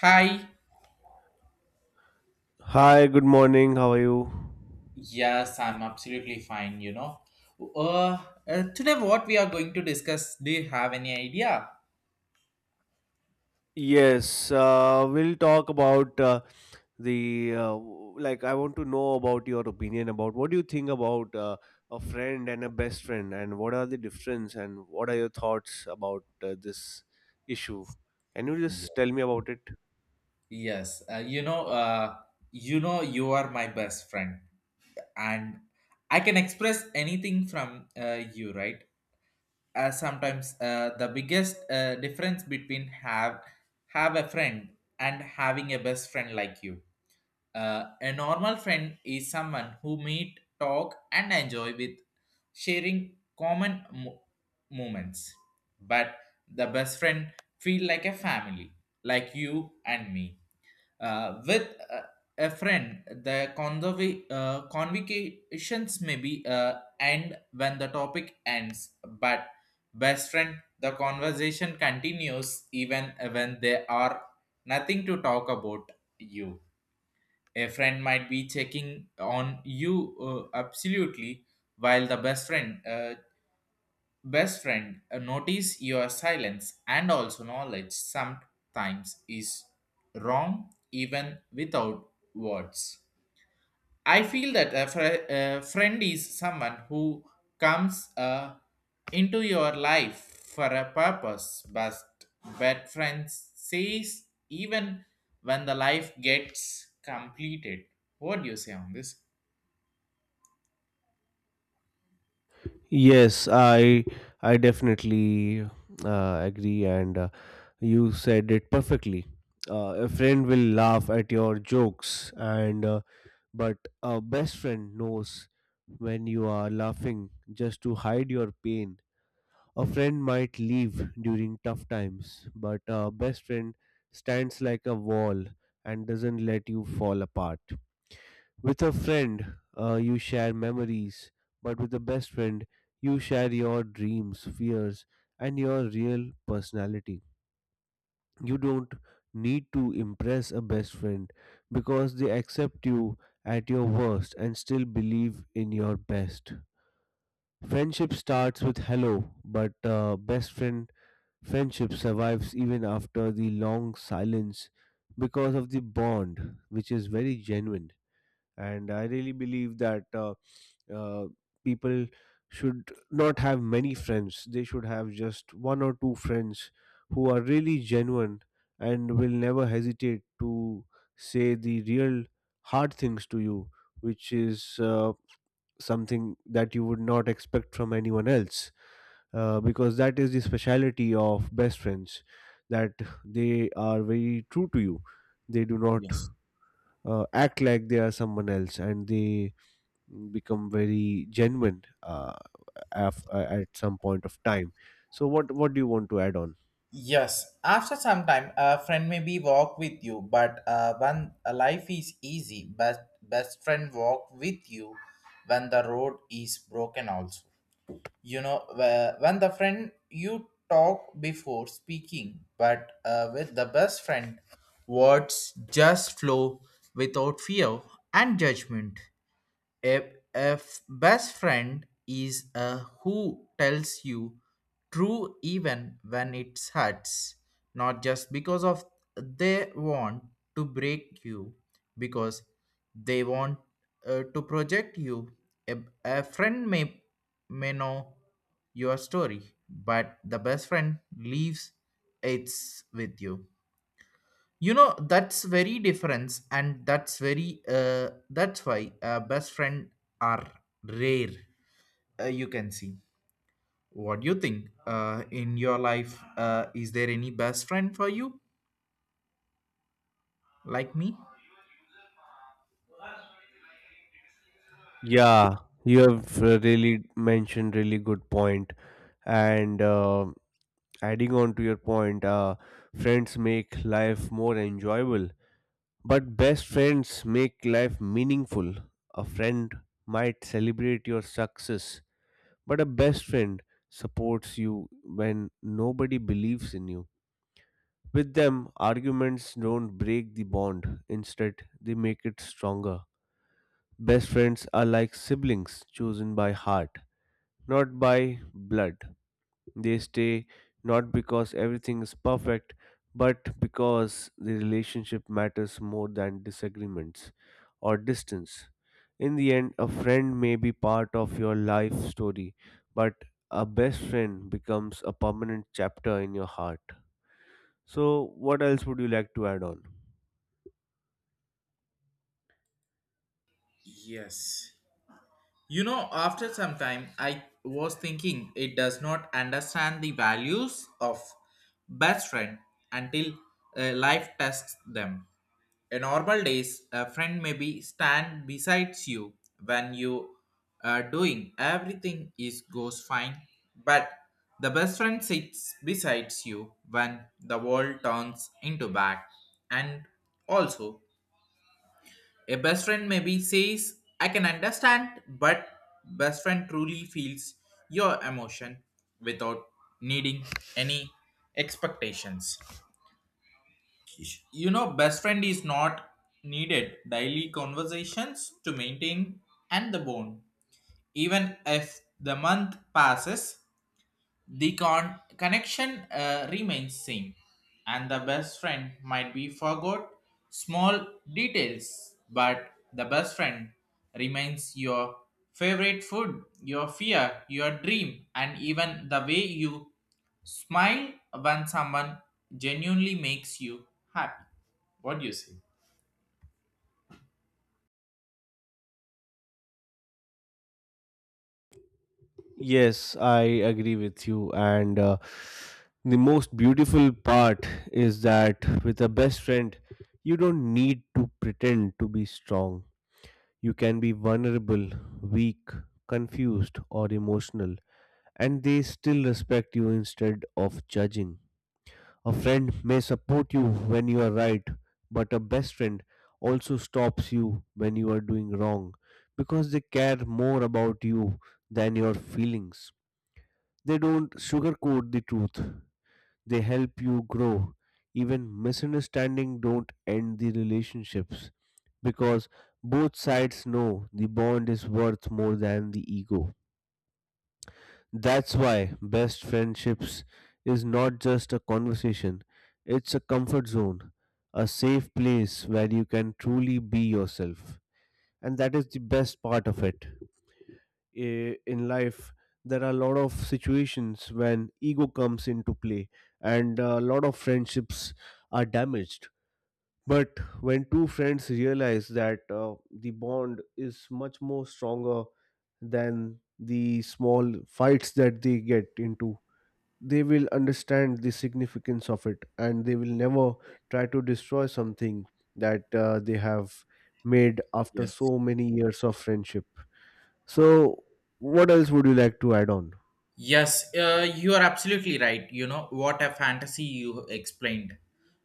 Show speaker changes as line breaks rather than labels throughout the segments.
Hi.
Hi, good morning. How are you?
Yes, I'm absolutely fine, you know. Uh, today what we are going to discuss, do you have any idea?
Yes, we'll talk about the, I want to know about your opinion, about what do you think about a friend and a best friend, and what are the difference, and what are your thoughts about this issue? Can you
Yeah.
just tell me about it?
Yes, uh, you know, uh, you know you are my best friend and I can express anything from you, right? Sometimes the biggest difference between have a friend and having a best friend like you. A normal friend is someone who meet, talk, and enjoy with sharing common moments. But the best friend feel like a family, like you and me. With A friend, the convocations may be end when the topic ends, but best friend, the conversation continues even when there are nothing to talk about. You, a friend might be checking on you absolutely, while the best friend notice your silence and also knowledge sometimes is wrong even without words. I feel that a friend is someone who comes into your life for a purpose, but bad friends says even when the life gets completed. What do you say on this?
Yes, I definitely agree, and you said it perfectly. A friend will laugh at your jokes and But a best friend knows when you are laughing just to hide your pain. A friend might leave during tough times, but a best friend stands like a wall and doesn't let you fall apart. With a friend, you share memories, but with a best friend, you share your dreams, fears, and your real personality. You don't need to impress a best friend, because they accept you at your worst and still believe in your best. Friendship starts with hello, but best friend friendship survives even after the long silence, because of the bond, which is very genuine. And I really believe that uh, people should not have many friends. They should have just one or two friends who are really genuine and will never hesitate to say the real hard things to you, which is something that you would not expect from anyone else, because that is the speciality of best friends, that they are very true to you. They do not
Yes.
act like they are someone else, and they become very genuine, at some point of time. So what do you want to add on?
Yes. After some time, a friend may be walk with you, but when a life is easy, best friend walk with you when the road is broken also. You know when the friend you talk before speaking, but with the best friend, words just flow without fear and judgment. A best friend is a who tells you true even when it hurts, not just because of they want to break you, because they want to project you. A, a friend may know your story, but the best friend leaves it with you. You know that's very difference, and that's very that's why best friend are rare. You can see, what do you think, in your life, is there any best friend for you like me?
Yeah, you have really mentioned really good point. And adding on to your point, friends make life more enjoyable, but best friends make life meaningful. A friend might celebrate your success, but a best friend supports you when nobody believes in you. With them, arguments don't break the bond, instead, they make it stronger. Best friends are like siblings chosen by heart, not by blood. They stay not because everything is perfect, but because the relationship matters more than disagreements or distance. In the end, a friend may be part of your life story, but a best friend becomes a permanent chapter in your heart. So, what else would you like to add on?
Yes. You know, after some time, I was thinking it does not understand the values of best friend until life tests them. In normal days, a friend may be stand besides you when you are doing everything is goes fine, but the best friend sits besides you when the world turns into bad. And also, a best friend maybe says, "I can understand," but best friend truly feels your emotion without needing any expectations. You know, best friend is not needed daily conversations to maintain and the bond even if the month passes, the connection remains same, and the best friend might be forgot small details, but the best friend remains your favorite food, your fear, your dream, and even the way you smile when someone genuinely makes you happy. What do you say?
Yes, I agree with you. And the most beautiful part is that with a best friend, you don't need to pretend to be strong. You can be vulnerable, weak, confused, or emotional, and they still respect you instead of judging. A friend may support you when you are right, but a best friend also stops you when you are doing wrong, because they care more about you than your feelings. They don't sugarcoat the truth. They help you grow. Even misunderstanding don't end the relationships, because both sides know the bond is worth more than the ego. That's why best friendships is not just a conversation, it's a comfort zone, a safe place where you can truly be yourself. And that is the best part of it. In life, there are a lot of situations when ego comes into play and a lot of friendships are damaged. But when two friends realize that the bond is much more stronger than the small fights that they get into, they will understand the significance of it, and they will never try to destroy something that they have made after
Yes.
so many years of friendship. So, what else would you like to add on?
Yes, you are absolutely right. You know, what a fantasy you explained.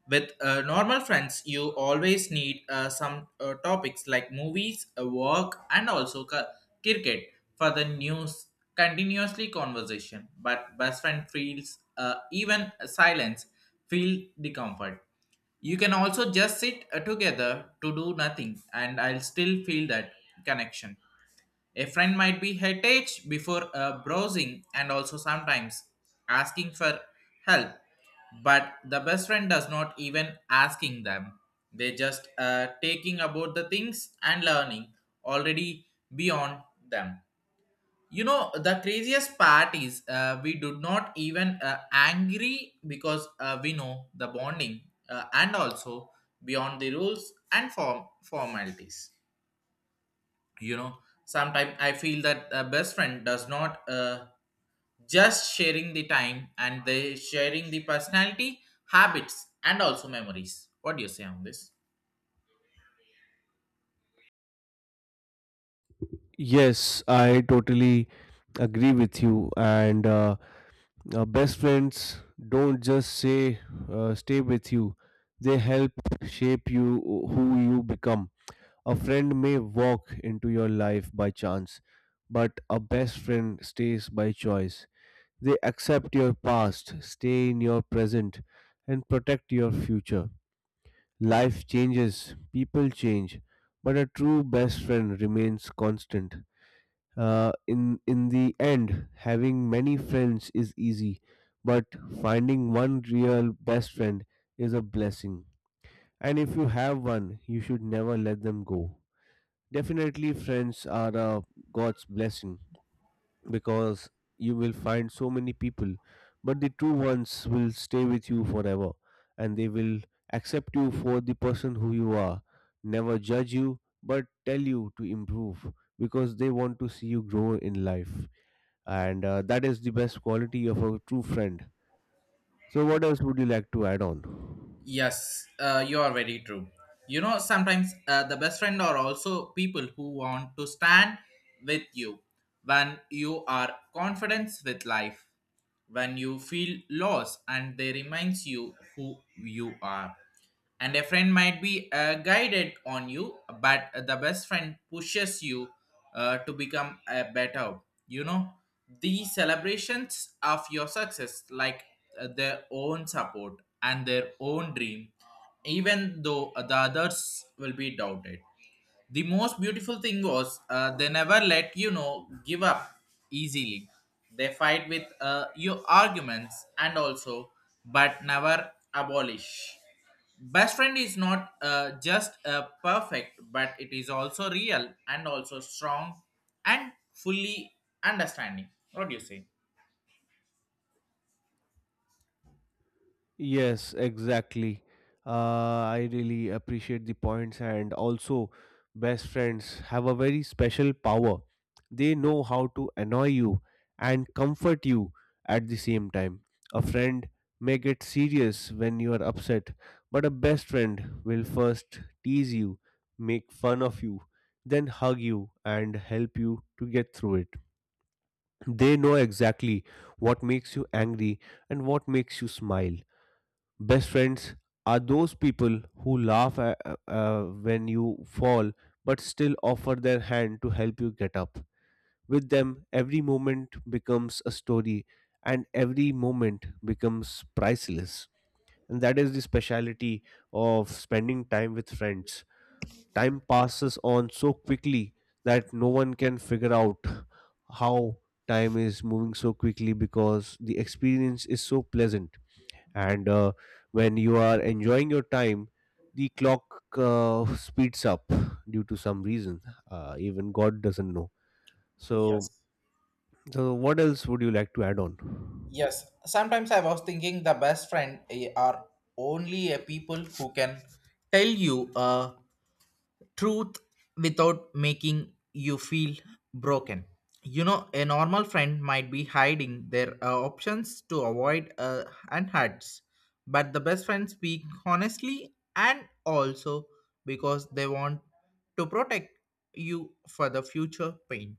With normal friends, you always need some topics like movies, work, and also cricket for the news continuously conversation. But best friend feels even silence feel the comfort. You can also just sit together to do nothing, and I'll still feel that connection. A friend might be heritage before browsing and also sometimes asking for help, but the best friend does not even asking them. They just taking about the things and learning already beyond them. You know, the craziest part is we do not even angry because we know the bonding and also beyond the rules and formalities. You know, sometimes I feel that a best friend does not just sharing the time and they sharing the personality, habits, and also memories. What do you say on this?
Yes, I totally agree with you. And best friends don't just say stay with you; they help shape you who you become. A friend may walk into your life by chance, but a best friend stays by choice. They accept your past, stay in your present, and protect your future. Life changes, people change, but a true best friend remains constant. In the end, having many friends is easy, but finding one real best friend is a blessing. And if you have one, you should never let them go. Definitely, friends are a God's blessing, because you will find so many people, but the true ones will stay with you forever, and they will accept you for the person who you are, never judge you, but tell you to improve, because they want to see you grow in life. And that is the best quality of a true friend. So, what else would you like to add on?
Yes, you are very true. You know, sometimes the best friend are also people who want to stand with you when you are confident with life, when you feel lost, and they reminds you who you are. And a friend might be guided on you, but the best friend pushes you to become a better. You know, the celebrations of your success like their own support and their own dream even though the others will be doubted. The most beautiful thing was they never let you know give up easily. They fight with your arguments and also, but never abolish. Best friend is not just perfect, but it is also real and also strong and fully understanding. What do you say?
Yes, exactly. Uh, I really appreciate the points. And also, best friends have a very special power. They know how to annoy you and comfort you at the same time. A friend may get serious when you are upset, but a best friend will first tease you, make fun of you, then hug you and help you to get through it. They know exactly what makes you angry and what makes you smile. Best friends are those people who laugh when you fall, but still offer their hand to help you get up. With them, every moment becomes a story and every moment becomes priceless. And that is the speciality of spending time with friends. Time passes on so quickly that no one can figure out how time is moving so quickly, because the experience is so pleasant. And when you are enjoying your time, the clock speeds up due to some reason, even god doesn't know. So,
Yes.
so what else would you like to add on?
Yes. Sometimes I was thinking the best friend eh, are only a people who can tell you truth without making you feel broken. You know, a normal friend might be hiding their options to avoid and hurts, but the best friends speak honestly and also because they want to protect you for the future pain.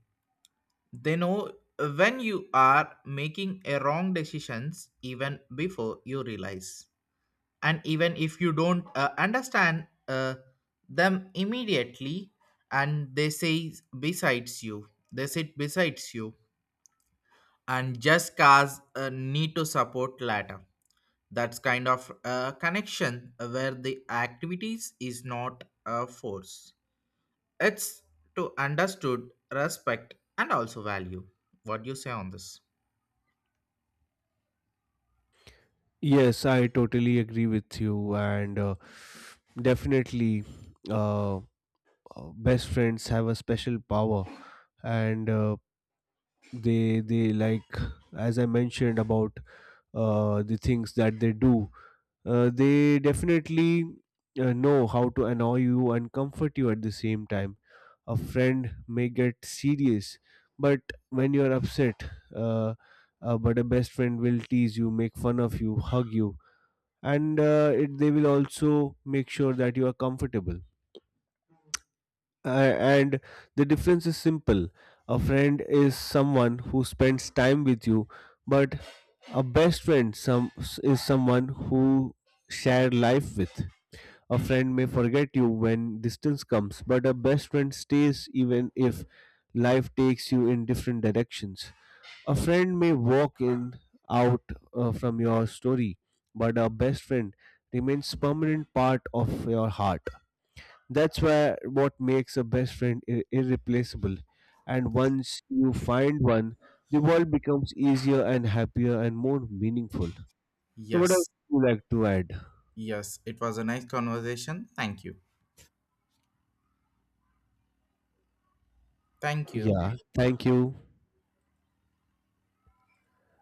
They know when you are making a wrong decisions even before you realize, and even if you don't understand them immediately, and they say besides you, they sit besides you and just cause a need to support later. That's kind of a connection where the activities is not a force, it's to understood respect and also value. What do you say on this?
Yes, I totally agree with you. And definitely, uh, uh, best friends have a special power. And they like as I mentioned about the things that they do, they definitely know how to annoy you and comfort you at the same time. A friend may get serious but when you are upset, uh, but a best friend will tease you, make fun of you, hug you, and they will also make sure that you are comfortable. And the difference is simple. A friend is someone who spends time with you, but a best friend some is someone who share life with. A friend may forget you when distance comes, but a best friend stays even if life takes you in different directions. A friend may walk in out from your story, but a best friend remains permanent part of your heart. That's why what makes a best friend irreplaceable. And once you find one, the world becomes easier and happier and more meaningful. So, what else
Yes.
would you like to add?
Yes, it was a nice conversation. Thank you. Thank you.
Yeah, thank you.